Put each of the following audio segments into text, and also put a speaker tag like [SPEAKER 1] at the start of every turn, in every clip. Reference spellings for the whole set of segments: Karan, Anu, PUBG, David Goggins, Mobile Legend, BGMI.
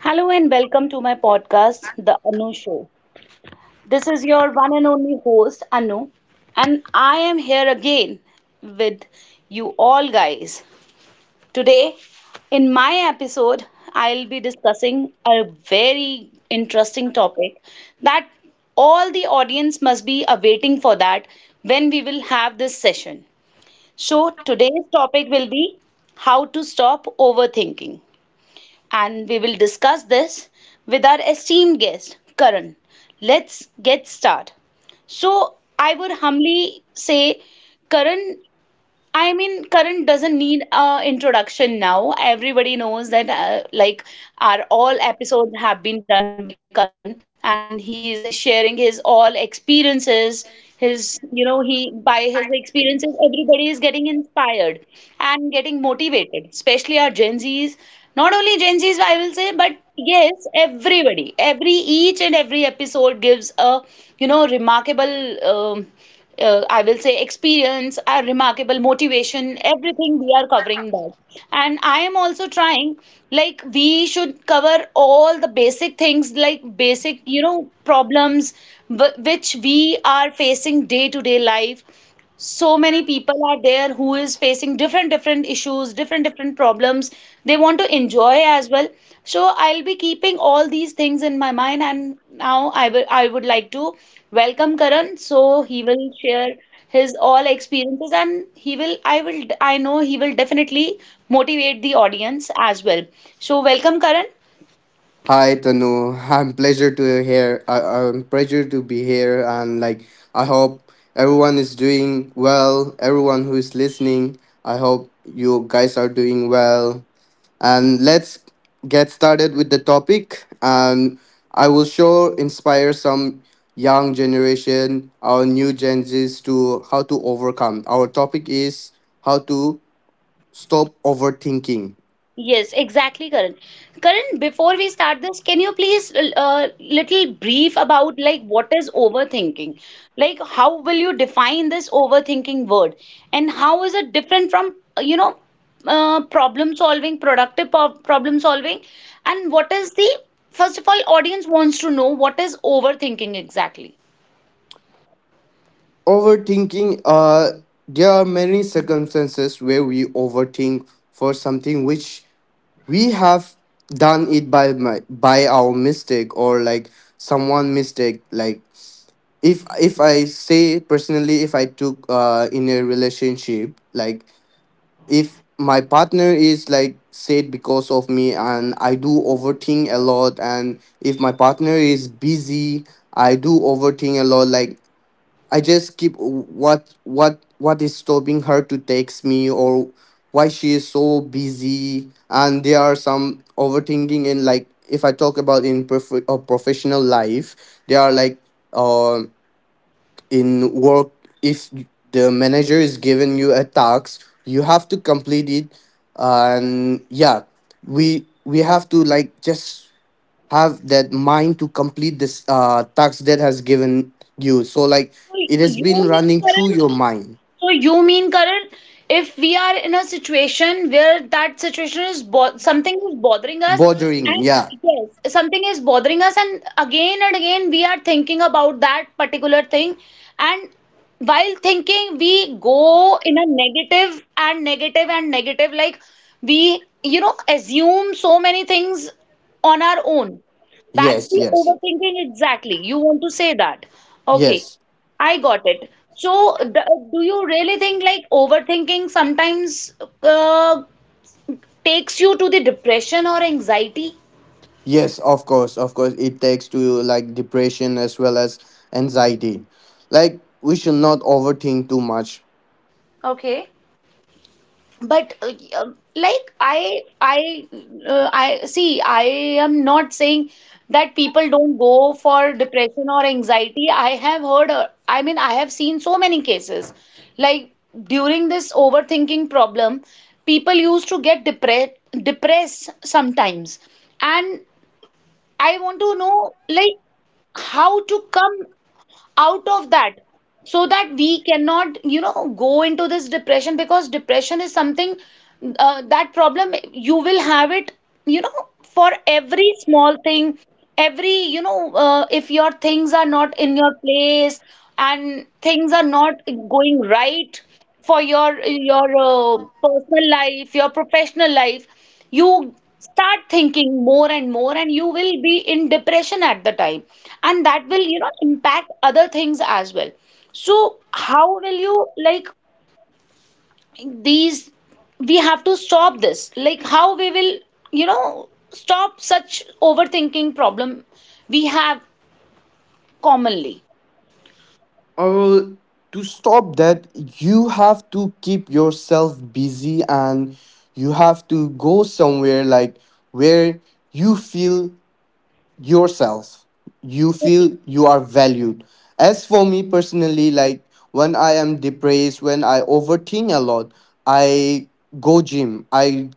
[SPEAKER 1] Hello and welcome to my podcast, The Anu Show. This is your one and only host, Anu, and I am here again with you all guys. Today, in my episode, I'll be discussing a very interesting topic that all the audience must be awaiting for, that when we will have this session. So, today's topic will be how to stop overthinking, and we will discuss this with our esteemed guest, Karan. Let's get started. So, I would humbly say, Karan, I mean, current doesn't need a introduction now. Everybody knows that, our all episodes have been done by Karan, and he's sharing his all experiences. His, you know, he by his experiences, everybody is getting inspired and getting motivated, especially our Gen Zs. Not only Gen Zs, I will say, but yes, everybody. Every each and every episode gives a, you know, remarkable. I will say experience, a remarkable motivation, everything we are covering that. And I am also trying, like, we should cover all the basic things, like basic, you know, problems which we are facing day to day life. So many people are there who is facing different different issues, different different problems. They want to enjoy as well. So I'll be keeping all these things in my mind, and now I will I would like to welcome karan so he will share his all experiences and he will I know he will definitely motivate the audience as well. So welcome, Karan.
[SPEAKER 2] Hi Tanu, I'm pleasure to hear. I'm pleasure to be here, and like I hope everyone is doing well. Everyone who is listening, I hope you guys are doing well. And let's get started with the topic. And I will sure inspire some young generation, our new Gen Zs, to how to overcome. Our topic is how to stop overthinking.
[SPEAKER 1] Yes, exactly, Karan. Karan, before we start this, can you please little brief about like what is overthinking? Like how will you define this overthinking word, and how is it different from you know, problem solving, problem solving, and what is the first of all, audience wants to know what is overthinking exactly.
[SPEAKER 2] overthinking uh there are many circumstances where we overthink for something which we have done it by our mistake or like someone mistake. Like if I say personally, if I took in a relationship, like if my partner is like sad because of me, and I do overthink a lot. And if my partner is busy, I do overthink a lot. Like I just keep what is stopping her to text me, or why she is so busy. And there are some overthinking in, like if I talk about in professional life, they are like uh in work. If the manager is giving you a task, you have to complete it. And yeah, we have to like just have that mind to complete this task that has given you, so like
[SPEAKER 1] So
[SPEAKER 2] it has been
[SPEAKER 1] you mean,
[SPEAKER 2] running through
[SPEAKER 1] Karan?
[SPEAKER 2] your mind
[SPEAKER 1] So you mean, Karan, if we are in a situation where that situation is bo something is bothering us,
[SPEAKER 2] bothering.
[SPEAKER 1] and
[SPEAKER 2] Yeah.
[SPEAKER 1] yes, something is bothering us, and again we are thinking about that particular thing, and while thinking we go in a negative and negative and negative, like we, you know, assume so many things on our own. That's
[SPEAKER 2] Yes,
[SPEAKER 1] the
[SPEAKER 2] yes.
[SPEAKER 1] overthinking exactly. You want to say that. Okay.
[SPEAKER 2] Yes,
[SPEAKER 1] I got it. So, d do you really think like overthinking sometimes uh, takes you to the depression or anxiety?
[SPEAKER 2] yes. Of course, of course, it takes to like depression as well as anxiety. Like we should not overthink too much.
[SPEAKER 1] Okay. But like I I see, I am not saying that people don't go for depression or anxiety. I have heard, I mean, I have seen so many cases like during this overthinking problem people used to get depressed sometimes, and I want to know like how to come out of that, so that we cannot, you know, go into this depression, because depression is something, that problem you will have it, you know, for every small thing, every, you know, if your things are not in your place and things are not going right for your personal life, your professional life, you start thinking more and more and you will be in depression at the time, and that will, you know, impact other things as well. So how will you, like, these, we have to stop this, like how we will, you know, stop such overthinking problem we have commonly.
[SPEAKER 2] Or to stop that, you have to keep yourself busy, and you have to go somewhere like where you feel yourself, you feel you are valued. As for me personally, like when I am depressed, when I overthink a lot, I go gym. i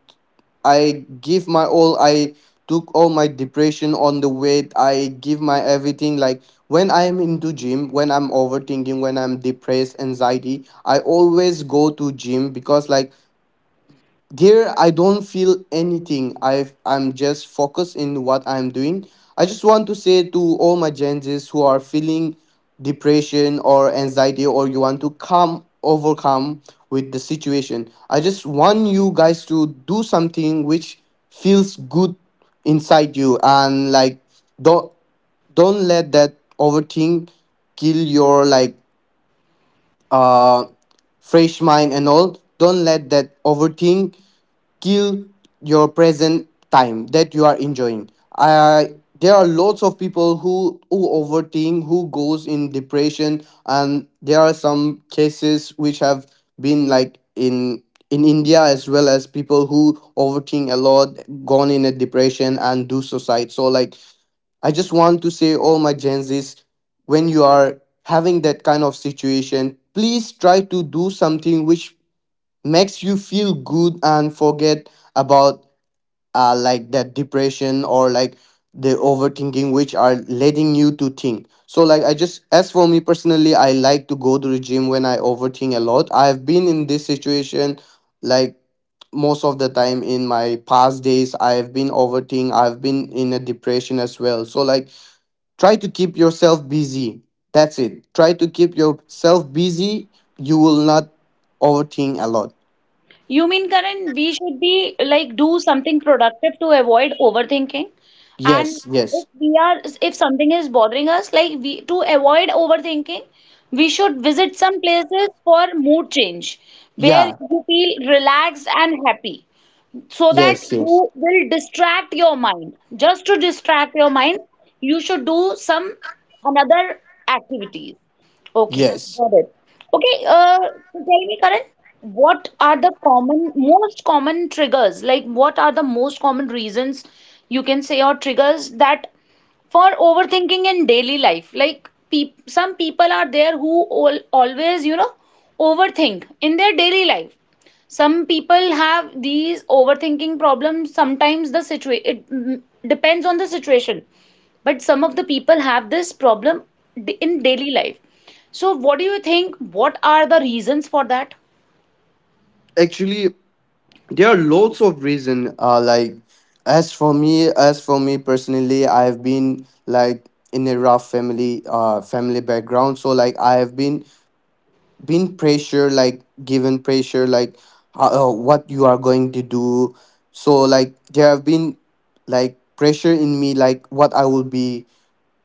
[SPEAKER 2] i give my all. I took all my depression on the weight, I give my everything. Like when I am into gym, when I'm overthinking, when I'm depressed, anxiety, I always go to gym because like there, I don't feel anything. I'm just focused in what I'm doing. I just want to say to all my Gen Zs who are feeling depression or anxiety, or you want to come overcome with the situation. I just want you guys to do something which feels good inside you, and like don't don't let that overthink kill your like uh fresh mind and all. Don't let that overthink kill your present time that you are enjoying. uh, there are lots of people who overthink, who goes in depression, and there are some cases which have been like in India as well, as people who overthink a lot gone in a depression and do suicide. So like I just want to say all my Gen Zs, when you are having that kind of situation, please try to do something which makes you feel good, and forget about like that depression or like the overthinking which are leading you to think. So like I just as for me personally, I like to go to the gym when I overthink a lot. I have been in this situation, like most of the time in my past days, I have been overthinking, I've been in a depression as well. So like try to keep yourself busy, that's it. Try to keep yourself busy, you will not overthink a lot.
[SPEAKER 1] You mean, Karan, we should be like do something productive to avoid overthinking? And
[SPEAKER 2] Yes, yes.
[SPEAKER 1] if we are, if something is bothering us, like we to avoid overthinking, we should visit some places for mood change where
[SPEAKER 2] Yeah,
[SPEAKER 1] you feel relaxed and happy so that
[SPEAKER 2] yes, yes,
[SPEAKER 1] you will distract your mind. Just to distract your mind, you should do some another activities. Okay,
[SPEAKER 2] yes.
[SPEAKER 1] got it. Okay, so tell me, Karan, what are the common, most common triggers? Like, what are the most common reasons you can say or triggers that for overthinking in daily life, like some people are there who all, always, you know, overthink in their daily life. Some people have these overthinking problems sometimes. The situation, it, depends on the situation, but some of the people have this problem in daily life. So what do you think, what are the reasons for that?
[SPEAKER 2] Actually, there are lots of reason. Like as for me personally, I have been like in a rough family, family background. So like I have been pressure, like given pressure, like what you are going to do. So like there have been like pressure in me, like what I will be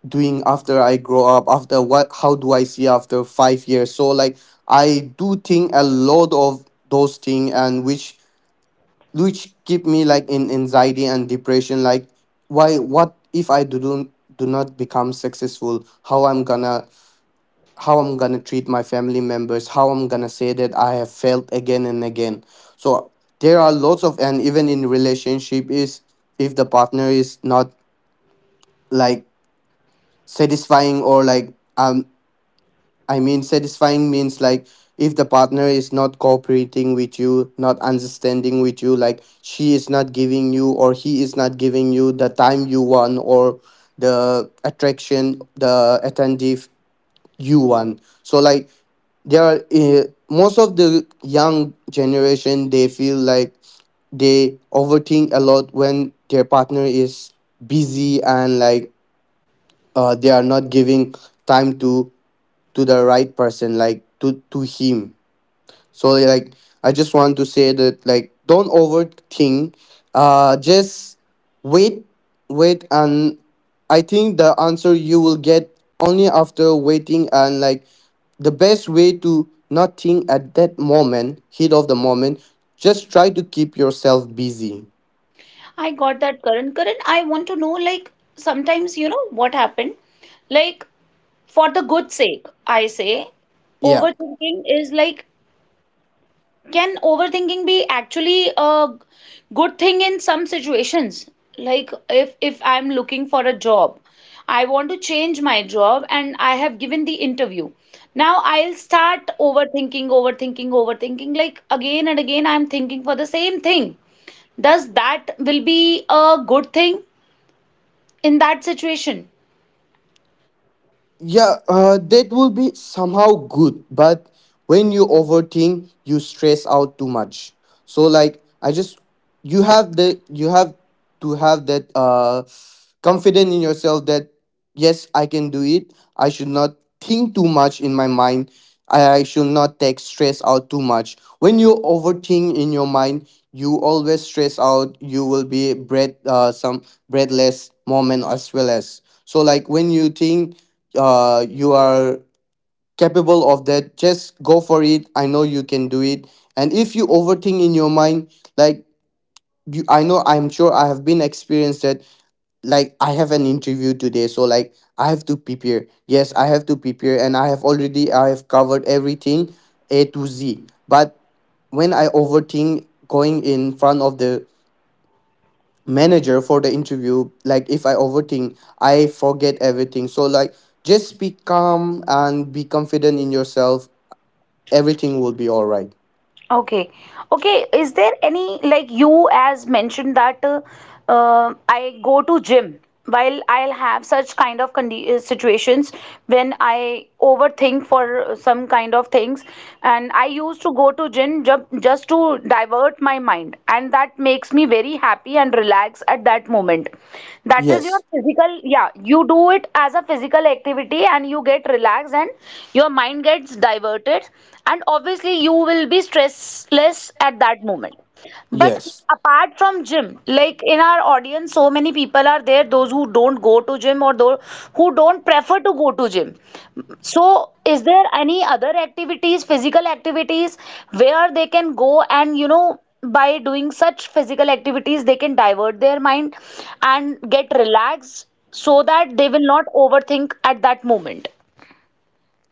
[SPEAKER 2] doing after I grow up, after what, how do I see after 5 years? So like I do think a lot of those things and which keep me like in anxiety and depression. Like why what if I do not become successful? How I'm gonna treat my family members? How I'm gonna say that I have failed again and again? So there are lots of and even in relationship is if the partner is not like satisfying or like I mean, satisfying means like if the partner is not cooperating with you, not understanding with you, like she is not giving you or he is not giving you the time you want or the attraction, the attentive you want. So, like, there are most of the young generation, they feel like they overthink a lot when their partner is busy and like they are not giving time to the right person like to him. So like I just want to say that like don't overthink, just wait, wait, and I think the answer you will get only after waiting. And like the best way to not think at that moment, heat of the moment, just try to keep yourself busy.
[SPEAKER 1] I got that, current. Current, I want to know, like, sometimes, you know, what happened, like, for the good sake, I say,
[SPEAKER 2] Yeah.
[SPEAKER 1] overthinking is like, can overthinking be actually a good thing in some situations? Like if I'm looking for a job, I want to change my job and I have given the interview. Now I'll start overthinking, overthinking, overthinking. Like again and again, I'm thinking for the same thing. Does that will be a good thing in that situation?
[SPEAKER 2] Yeah, that will be somehow good, but when you overthink, you stress out too much. So like I just you have the you have to have that confident in yourself that yes, I can do it. I should not think too much in my mind. I should not take stress out too much. When you overthink in your mind, you always stress out. You will be breath some breathless moment as well as so like when you think you are capable of that, just go for it. I know you can do it. And if you overthink in your mind, like I know, I'm sure I have been experienced that. Like I have an interview today, so like I have to prepare. Yes, I have to prepare, and I have covered everything A to Z. But when I overthink going in front of the manager for the interview, like if I overthink I forget everything. So like just be calm and be confident in yourself, everything will be all right.
[SPEAKER 1] Okay. Okay. Is there any like you as mentioned that, I go to gym while I'll have such kind of condi situations when I overthink for some kind of things, and I used to go to gym ju just to divert my mind, and that makes me very happy and relax at that moment. That is your
[SPEAKER 2] Yes.
[SPEAKER 1] physical, yeah, you do it as a physical activity and you get relaxed and your mind gets diverted, and obviously, you will be stressless at that moment. But
[SPEAKER 2] Yes.
[SPEAKER 1] apart from gym, like in our audience, so many people are there, those who don't go to gym, or those who don't prefer to go to gym. So, is there any other activities, physical activities, where they can go and, you know, by doing such physical activities, they can divert their mind and get relaxed so that they will not overthink at that moment?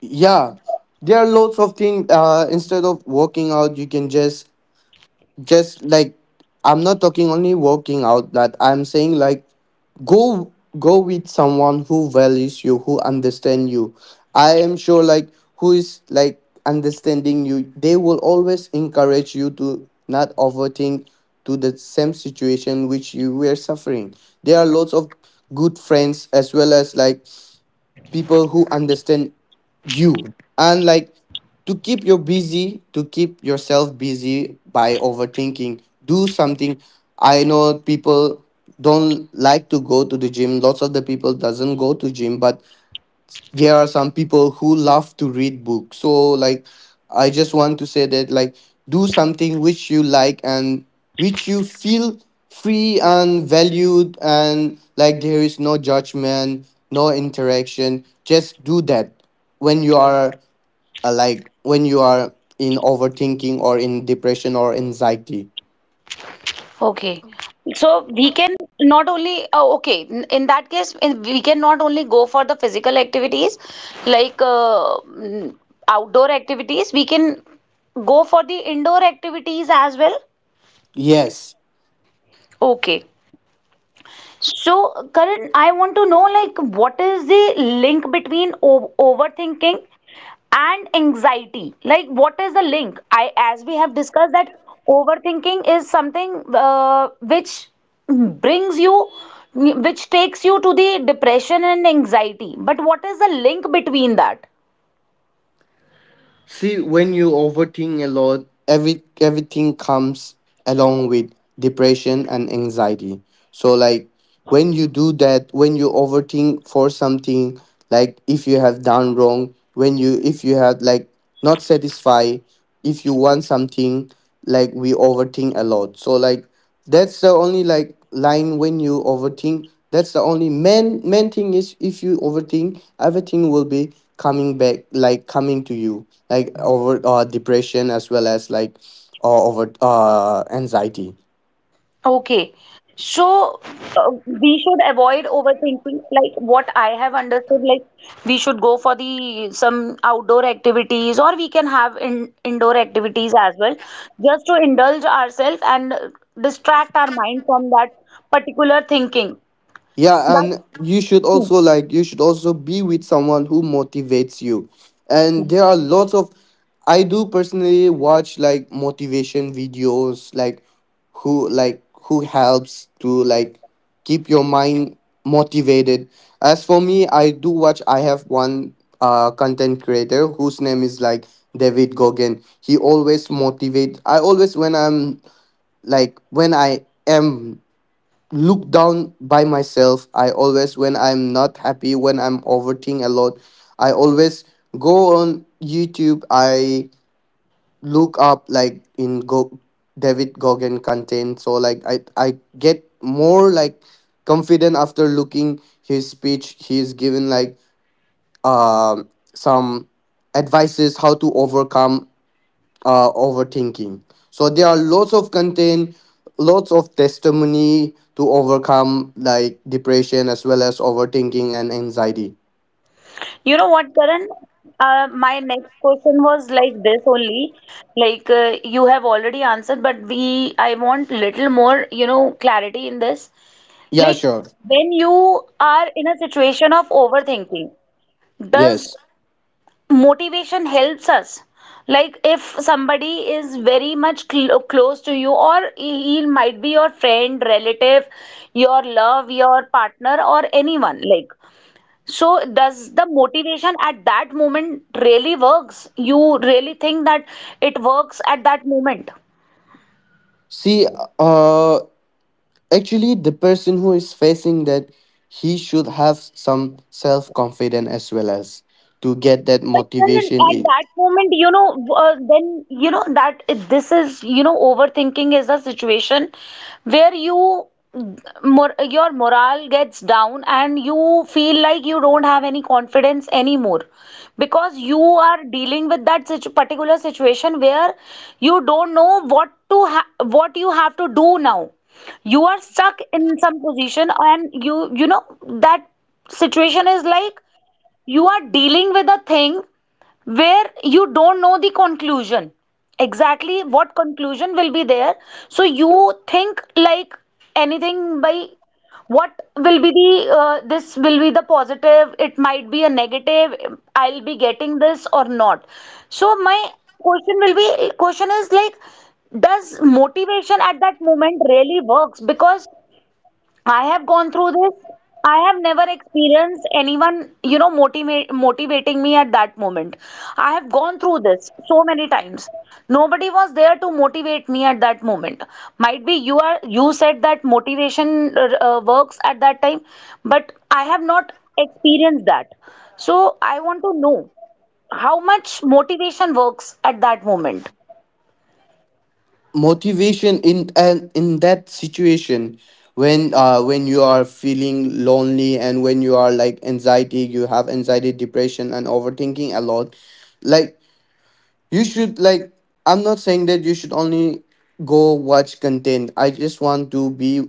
[SPEAKER 2] Yeah, there are lots of things instead of working out, you can just like I'm not talking only working out, but I'm saying like go go with someone who values you, who understand you. I am sure like who is like understanding you, they will always encourage you to not overthink to the same situation which you were suffering. There are lots of good friends as well as like people who understand you, and like to keep you busy, to keep yourself busy by overthinking do something. I know people don't like to go to the gym, lots of the people doesn't go to gym, but there are some people who love to read books. So like I just want to say that like do something which you like, and which you feel free and valued, and like there is no judgment, no interaction, just do that when you are like when you are in overthinking or in depression or anxiety.
[SPEAKER 1] Okay. So we can not only, oh, okay, in that case, in, we can not only go for the physical activities like outdoor activities, we can go for the indoor activities as well.
[SPEAKER 2] Yes.
[SPEAKER 1] Okay. So, Karan, I want to know like what is the link between overthinking and anxiety? Like, what is the link? I, as we have discussed, that overthinking is something, which brings you, which takes you to the depression and anxiety. But what is the link between that?
[SPEAKER 2] See, when you overthink a lot, everything comes along with depression and anxiety. So like when you do that, when you overthink for something, like if you have done wrong, when you if you have like not satisfied, if you want something, like we overthink a lot. So like that's the only like line when you overthink. That's the only main thing is if you overthink, everything will be coming back, like coming to you, like over depression as well as like over anxiety.
[SPEAKER 1] Okay. So, we should avoid overthinking. Like what I have understood, like we should go for the some outdoor activities, or we can have in, indoor activities as well, just to indulge ourselves and distract our mind from that particular thinking.
[SPEAKER 2] Yeah,
[SPEAKER 1] That's
[SPEAKER 2] and you should
[SPEAKER 1] true.
[SPEAKER 2] also like you should also be with someone who motivates you. And there are lots of I do personally watch like motivation videos like who helps to like keep your mind motivated. As for me, I do watch I have one content creator whose name is like David Goggin. He always motivate I always when I am look down by myself. I always when I'm not happy, when I'm overthinking a lot, I always go on YouTube. I look up like in go David Goggin content. So like I get more like confident after looking his speech he's given. Like um some advices how to overcome overthinking. So there are lots of content, lots of testimony to overcome like depression as well as overthinking and anxiety.
[SPEAKER 1] You know what, Karan? My next question was like this only. Like, you have already answered, but we I want little more, you know, clarity in this.
[SPEAKER 2] Yeah,
[SPEAKER 1] Like
[SPEAKER 2] sure.
[SPEAKER 1] when you are in a situation of overthinking, does
[SPEAKER 2] Yes.
[SPEAKER 1] motivation helps us? Like if somebody is very much close to you, or he might be your friend, relative, your love, your partner, or anyone. Like, so, does the motivation at that moment really works? You really think that it works at that moment?
[SPEAKER 2] See, uh, actually, the person who is facing that, he should have some self confidence as well as to get that
[SPEAKER 1] But then,
[SPEAKER 2] motivation
[SPEAKER 1] at
[SPEAKER 2] in
[SPEAKER 1] that moment, you know, then you know that this is, you know, overthinking is a situation where you mor your morale gets down and you feel like you don't have any confidence anymore, because you are dealing with that situ particular situation where you don't know what you have to do now. You are stuck in some position and you know that situation is like you are dealing with a thing where you don't know the conclusion, exactly what conclusion will be there. So you think like anything by what will be the, this will be the positive, it might be a negative, I'll be getting this or not. So my question will be question is like, does motivation at that moment really works? Because I have gone through this. I have never experienced anyone, you know, motivate, motivating me at that moment. I have gone through this so many times. Nobody was there to motivate me at that moment. Might be you are, you said that motivation, works at that time, but I have not experienced that. So I want to know how much motivation works at that moment.
[SPEAKER 2] motivation in and in that situation when you are feeling lonely, and when you are like anxiety, you have anxiety, depression, and overthinking a lot. Like you should like I'm not saying that you should only go watch content. I just want to be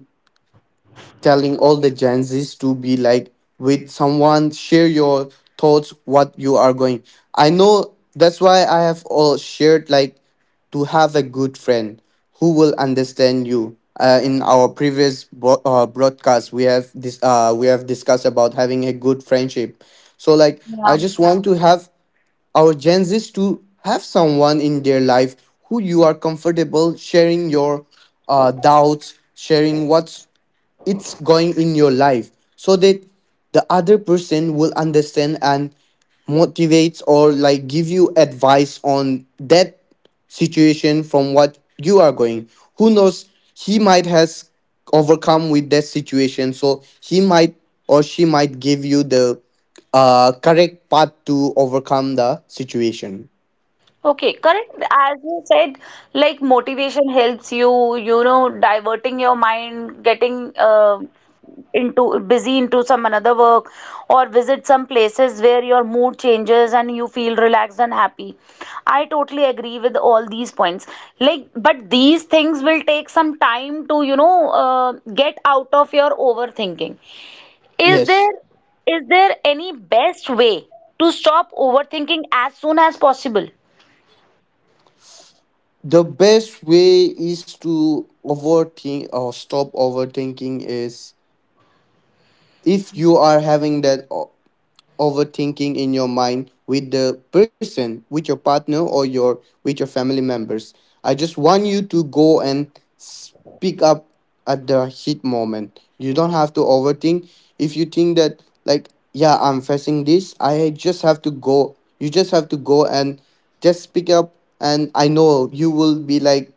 [SPEAKER 2] telling all the Gen Zs to be like with someone, share your thoughts, what you are going. I know that's why I have all shared like to have a good friend who will understand you. In our previous broadcast, we have this we have discussed about having a good friendship. So like, I
[SPEAKER 1] Yeah.
[SPEAKER 2] just want to have our Gen Zs to have someone in their life who you are comfortable sharing your doubts, sharing what's it's going in your life so that the other person will understand and motivates or like give you advice on that situation from what you are going. Who knows, he might has overcome with that situation, so he might or she might give you the correct path to overcome the situation.
[SPEAKER 1] Okay, correct. As you said, like motivation helps you, you know, diverting your mind, getting, into busy into some another work, or visit some places where your mood changes and you feel relaxed and happy. I totally agree with all these points. Like, but these things will take some time to, you know, get out of your overthinking. Is
[SPEAKER 2] Yes.
[SPEAKER 1] there, is there any best way to stop overthinking as soon as possible?
[SPEAKER 2] The best way is to overthink or stop overthinking is, if you are having that overthinking in your mind with the person, with your partner, or your with your family members, I just want you to go and speak up. At the heat moment you don't have to overthink. If you think that like, yeah, I'm facing this, I just have to go, you just have to go and just speak up. And I know you will be like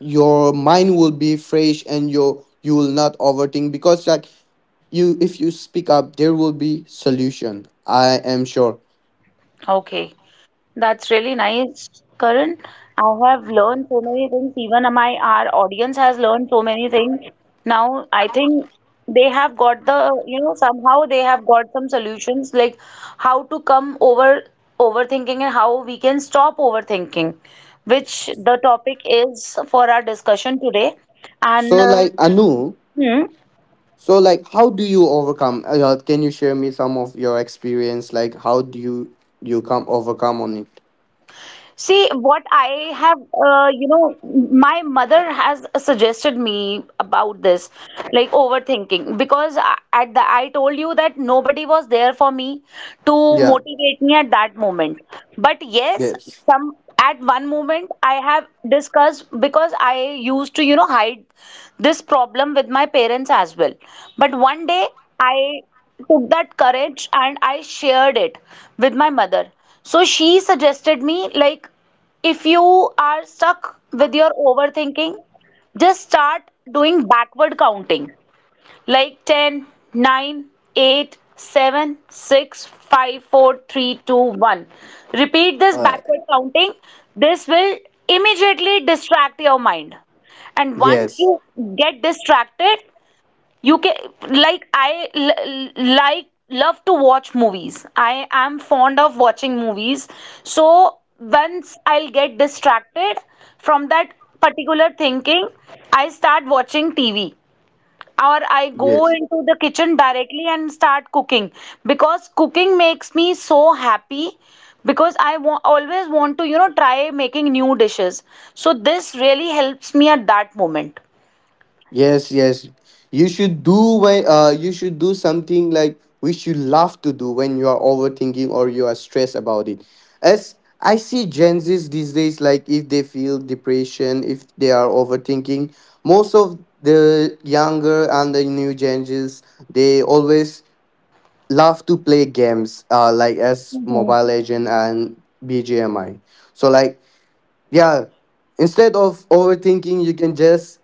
[SPEAKER 2] your mind will be fresh and you will not overthink, because like, you if you speak up there will be solution, I am sure.
[SPEAKER 1] Okay. That's really nice, Karan. I have learned so many things. Even my our audience has learned so many things. Now I think they have got the, you know, somehow they have got some solutions like how to come over overthinking and how we can stop overthinking, which the topic is for our discussion today.
[SPEAKER 2] So
[SPEAKER 1] And
[SPEAKER 2] like, Anu,
[SPEAKER 1] hmm,
[SPEAKER 2] so like, how do you overcome, can you share me some of your experience, like how do you you come overcome on it?
[SPEAKER 1] see, what I have, my mother has suggested me about this, like overthinking, because I- at the I told you that nobody was there for me to
[SPEAKER 2] Yeah.
[SPEAKER 1] motivate me at that moment. But yes,
[SPEAKER 2] Yes.
[SPEAKER 1] some at one moment I have discussed because I used to, hide this problem with my parents as well. But one day I took that courage and I shared it with my mother. So she suggested me, like, if you are stuck with your overthinking, just start doing backward counting like ten, nine, eight, seven, six, five, four, three, two, one. Repeat this
[SPEAKER 2] uh
[SPEAKER 1] backward counting. This will immediately distract your mind. And once
[SPEAKER 2] yes
[SPEAKER 1] you get distracted, you can like love to watch movies. I am fond of watching movies, so once I'll get distracted from that particular thinking, I start watching TV or I go
[SPEAKER 2] yes.
[SPEAKER 1] into the kitchen directly and start cooking because cooking makes me so happy because I always want to try making new dishes, so this really helps me at that moment.
[SPEAKER 2] Yes, yes. You should do when you should do something like which you love to do when you are overthinking or you are stressed about it. As I see Gen Z's these days, like if they feel depression, if they are overthinking, most of the younger and the new Gen Z's, they always love to play games, like as Mobile Legend and BGMI. So like, yeah, instead of overthinking you can just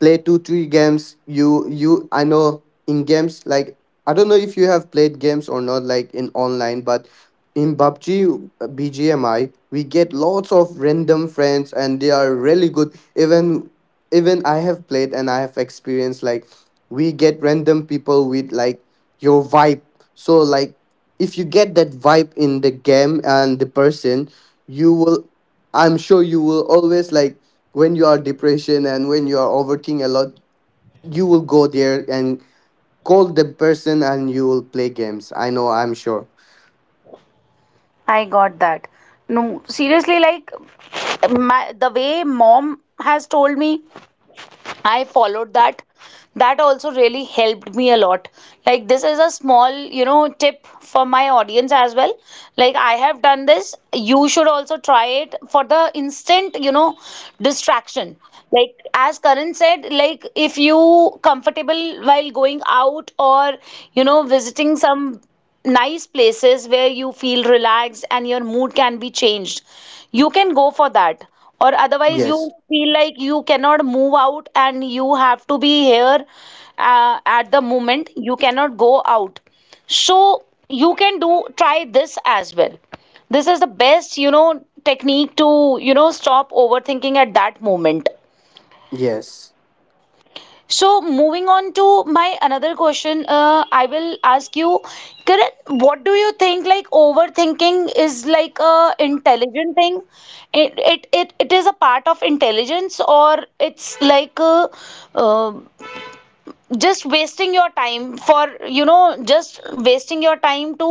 [SPEAKER 2] play 2 3 games. You, I know in games like, I don't know if you have played games or not like in online, but in PUBG, BGMI, we get lots of random friends and they are really good. Even I have played and I have experienced like we get random people with like your vibe. So like, if you get that vibe in the game and the person, you will, I'm sure you will always like, when you are depression and when you are overthinking a lot, you will go there and call the person and you will play games. I know, I'm sure.
[SPEAKER 1] I got that. No, seriously, like my the way mom has told me, I followed that. That also really helped me a lot. Like, this is a small tip for my audience as well. Like, I have done this, you should also try it for the instant distraction, like as Karan said. Like, if you comfortable while going out or visiting some nice places where you feel relaxed and your mood can be changed, you can go for that. Or otherwise,
[SPEAKER 2] Yes.
[SPEAKER 1] you feel like you cannot move out and you have to be here at the moment. You cannot go out. So, you can do try this as well. This is the best, technique to, stop overthinking at that moment.
[SPEAKER 2] Yes.
[SPEAKER 1] So moving on to my another question, I will ask you, Kiran, what do you think, like, overthinking is like a intelligent thing? It is a part of intelligence, or it's like uh, just wasting your time for just wasting your time to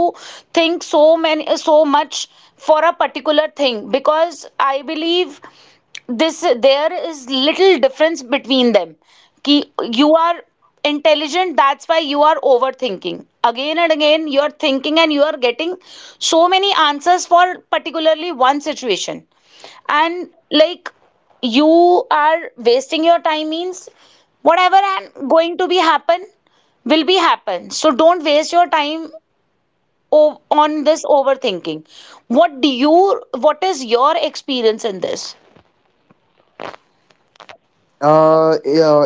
[SPEAKER 1] think so much for a particular thing? Because I believe this, there is little difference between them कि you are intelligent, that's why you are overthinking. Again and again you are thinking and you are getting so many answers for particularly one situation. And like, you are wasting your time means whatever and going to be happen will be happen, so don't waste your time on this overthinking. What is your experience in this?
[SPEAKER 2] Yeah,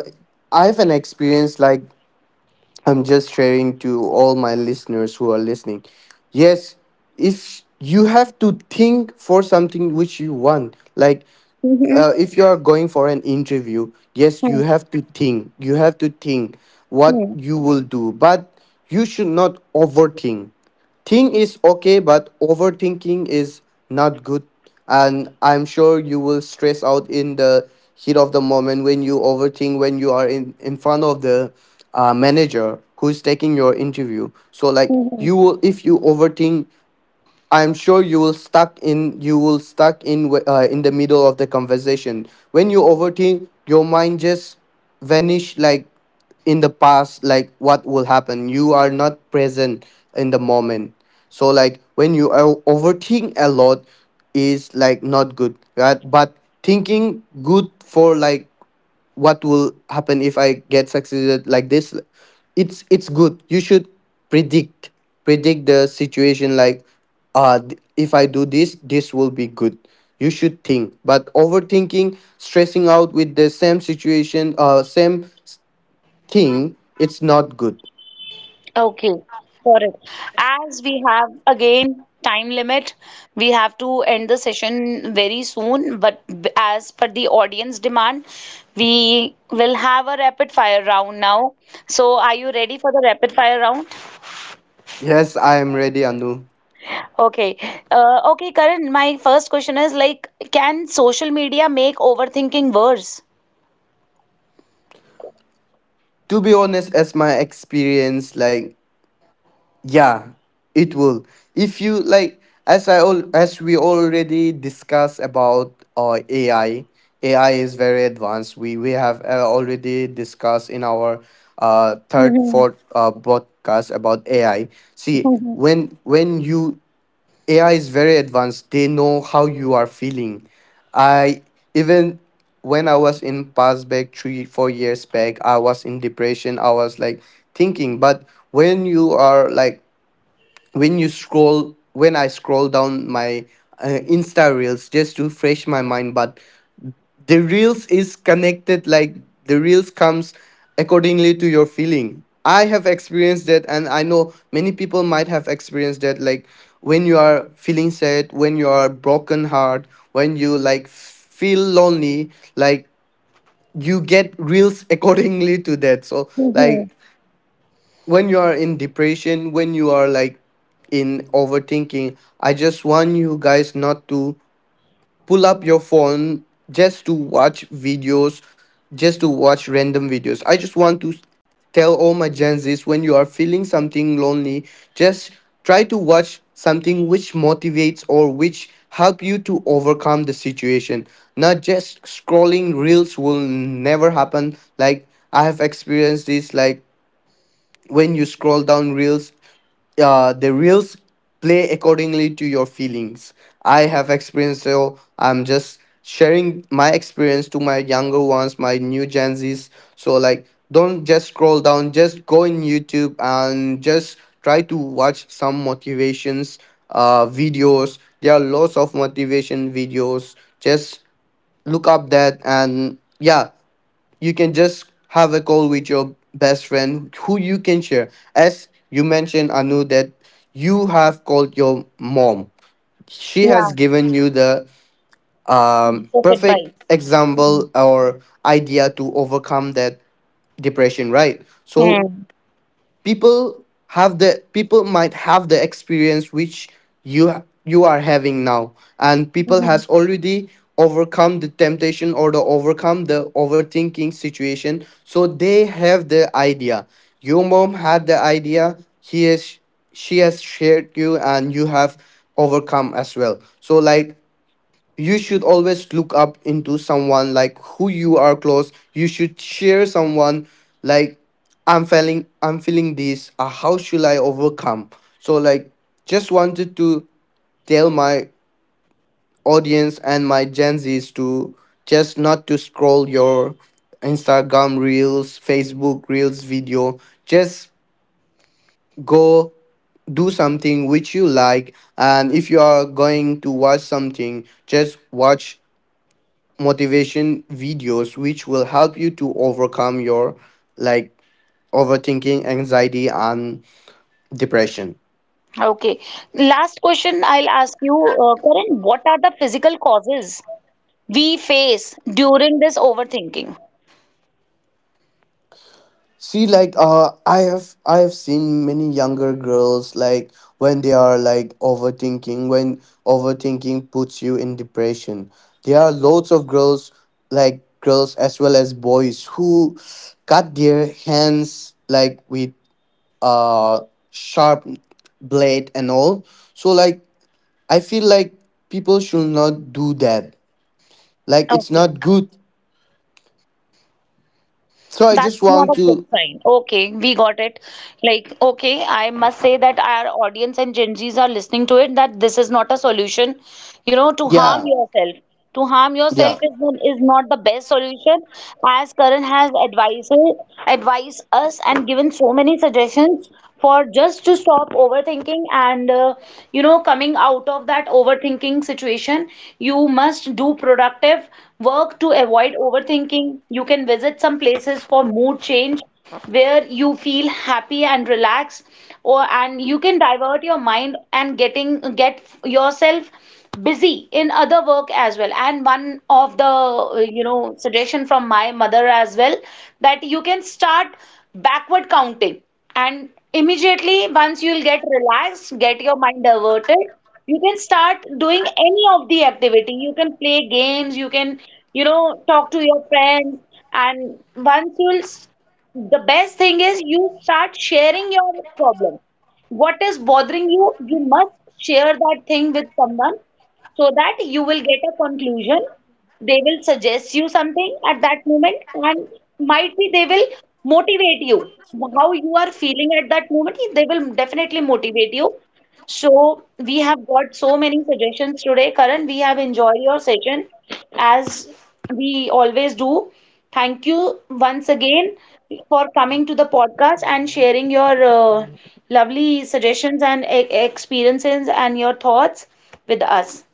[SPEAKER 2] I have an experience like, I'm just sharing to all my listeners who are listening. Yes, if you have to think for something which you want, like if you are going for an interview, yes, you
[SPEAKER 1] Hmm.
[SPEAKER 2] have to think. You have to think what you will do, but you should not overthink. Think is okay, but overthinking is not good. And I'm sure you will stress out in the heat of the moment when you overthink, when you are in front of the manager who's taking your interview. So like
[SPEAKER 1] Mhm.
[SPEAKER 2] you will, if you overthink, I'm sure you will stuck in, in the middle of the conversation. When you overthink, your mind just vanish, like in the past, like what will happen. You are not present in the moment. So like when you overthink a lot is like not good, right? But thinking good for like what will happen if I get succeeded like this, it's good. You should predict, predict the situation like, if I do this this will be good. You should think, but overthinking, stressing out with the same situation, same thing, it's not good.
[SPEAKER 1] Okay, got it. As we have again time limit, we have to end the session very soon. But as per the audience demand, we will have a rapid fire round now. So, are you ready for the rapid fire round?
[SPEAKER 2] Yes, I am ready, Anu.
[SPEAKER 1] Okay. Okay, Karan, my first question is like, can social media make overthinking worse?
[SPEAKER 2] To be honest, as my experience, like, yeah, it will. If you like, as I all as we already discussed about AI, AI is very advanced. We have already discussed in our third
[SPEAKER 1] Mhm.
[SPEAKER 2] fourth broadcast about AI. See,
[SPEAKER 1] Mhm.
[SPEAKER 2] when you AI is very advanced, they know how you are feeling. I, even when I was in past back three, 4 years back, I was in depression. I was like thinking, but when you are like, when you scroll, when I scroll down my insta reels just to fresh my mind, but the reels is connected, like the reels comes accordingly to your feeling. I have experienced that and I know many people might have experienced that, like when you are feeling sad, when you are broken heart, when you like feel lonely, like you get reels accordingly to that. So
[SPEAKER 1] Mhm.
[SPEAKER 2] like, when you are in depression, when you are like in overthinking, I just want you guys not to pull up your phone just to watch videos, just to watch random videos. I just want to tell all my Gen Z's, when you are feeling something lonely, just try to watch something which motivates or which help you to overcome the situation. Not just scrolling reels will never happen, like I have experienced this like, when you scroll down reels, the reels play accordingly to your feelings. I have experience, so I'm just sharing my experience to my younger ones, my new Gen Z's. So like, don't just scroll down, just go in YouTube and just try to watch some motivations videos. There are lots of motivation videos. Just look up that and yeah, you can just have a call with your best friend who you can share. As you mentioned, Anu, that you have called your mom. She
[SPEAKER 1] Yeah,
[SPEAKER 2] has given you the
[SPEAKER 1] piece of
[SPEAKER 2] perfect
[SPEAKER 1] advice.
[SPEAKER 2] example or idea to overcome that depression, right? So people have the, people might have the experience which you you are having now, and people
[SPEAKER 1] Hmm.
[SPEAKER 2] has already overcome the temptation or the overcome the overthinking situation, so they have the idea. Your mom had the idea, he is, she has shared you and you have overcome as well. So like, you should always look up into someone like who you are close, you should share someone like, I'm feeling this, how should I overcome. So like, just wanted to tell my audience and my Gen Z's to just not to scroll your Instagram reels, Facebook reels video. Just go, do something which you like, and if you are going to watch something, just watch motivation videos which will help you to overcome your, like, overthinking, anxiety and depression.
[SPEAKER 1] Okay. Last question I'll ask you, Karan, what are the physical causes we face during this overthinking?
[SPEAKER 2] See like, I have, I have seen many younger girls like, when they are like overthinking, when overthinking puts you in depression, there are loads of girls, like girls as well as boys who cut their hands like with uh sharp blade and all. So like, I feel like people should not do that. Like, it's
[SPEAKER 1] Okay.
[SPEAKER 2] not good. So I
[SPEAKER 1] That's
[SPEAKER 2] just
[SPEAKER 1] not
[SPEAKER 2] want
[SPEAKER 1] a good
[SPEAKER 2] to,
[SPEAKER 1] sign. Okay, we got it. Like, okay, I must say that our audience and Gen Zs are listening to it, that this is not a solution, to harm
[SPEAKER 2] yeah,
[SPEAKER 1] yourself. To harm yourself
[SPEAKER 2] yeah.
[SPEAKER 1] is not the best solution. As Karan has advised, advised us and given so many suggestions for just to stop overthinking. And coming out of that overthinking situation, you must do productive work to avoid overthinking. You can visit some places for mood change where you feel happy and relaxed, or and you can divert your mind and get yourself busy in other work as well. And one of the suggestion from my mother as well, that you can start backward counting, and immediately once you'll get relaxed, get your mind diverted, you can start doing any of the activity. You can play games, you can talk to your friends. And once you'll the best thing is you start sharing your problem. What is bothering you, you must share that thing with someone so that you will get a conclusion. They will suggest you something at that moment, and might be they will motivate you. How you are feeling at that moment, they will definitely motivate you. So we have got so many suggestions today, Karan. We have enjoyed your session, as we always do. Thank you once again for coming to the podcast and sharing your lovely suggestions and experiences and your thoughts with us.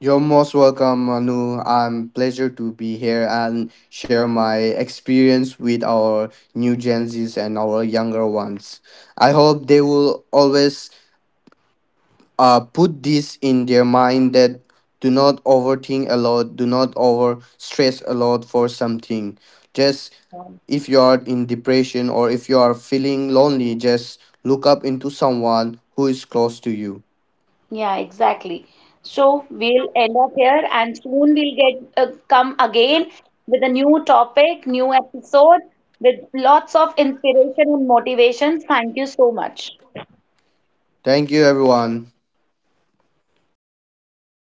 [SPEAKER 2] You're most welcome, Manu. I'm pleasure to be here and share my experience with our new Gen Zs and our younger ones. I hope they will always put this in their mind that do not overthink a lot, do not over stress a lot for something. Just, if you are in depression or if you are feeling lonely, just look up into someone who is close to you.
[SPEAKER 1] Yeah, exactly. So we'll end up here, and soon we'll get come again with a new topic, new episode with lots of inspiration and motivations. Thank you so much.
[SPEAKER 2] Thank you, everyone.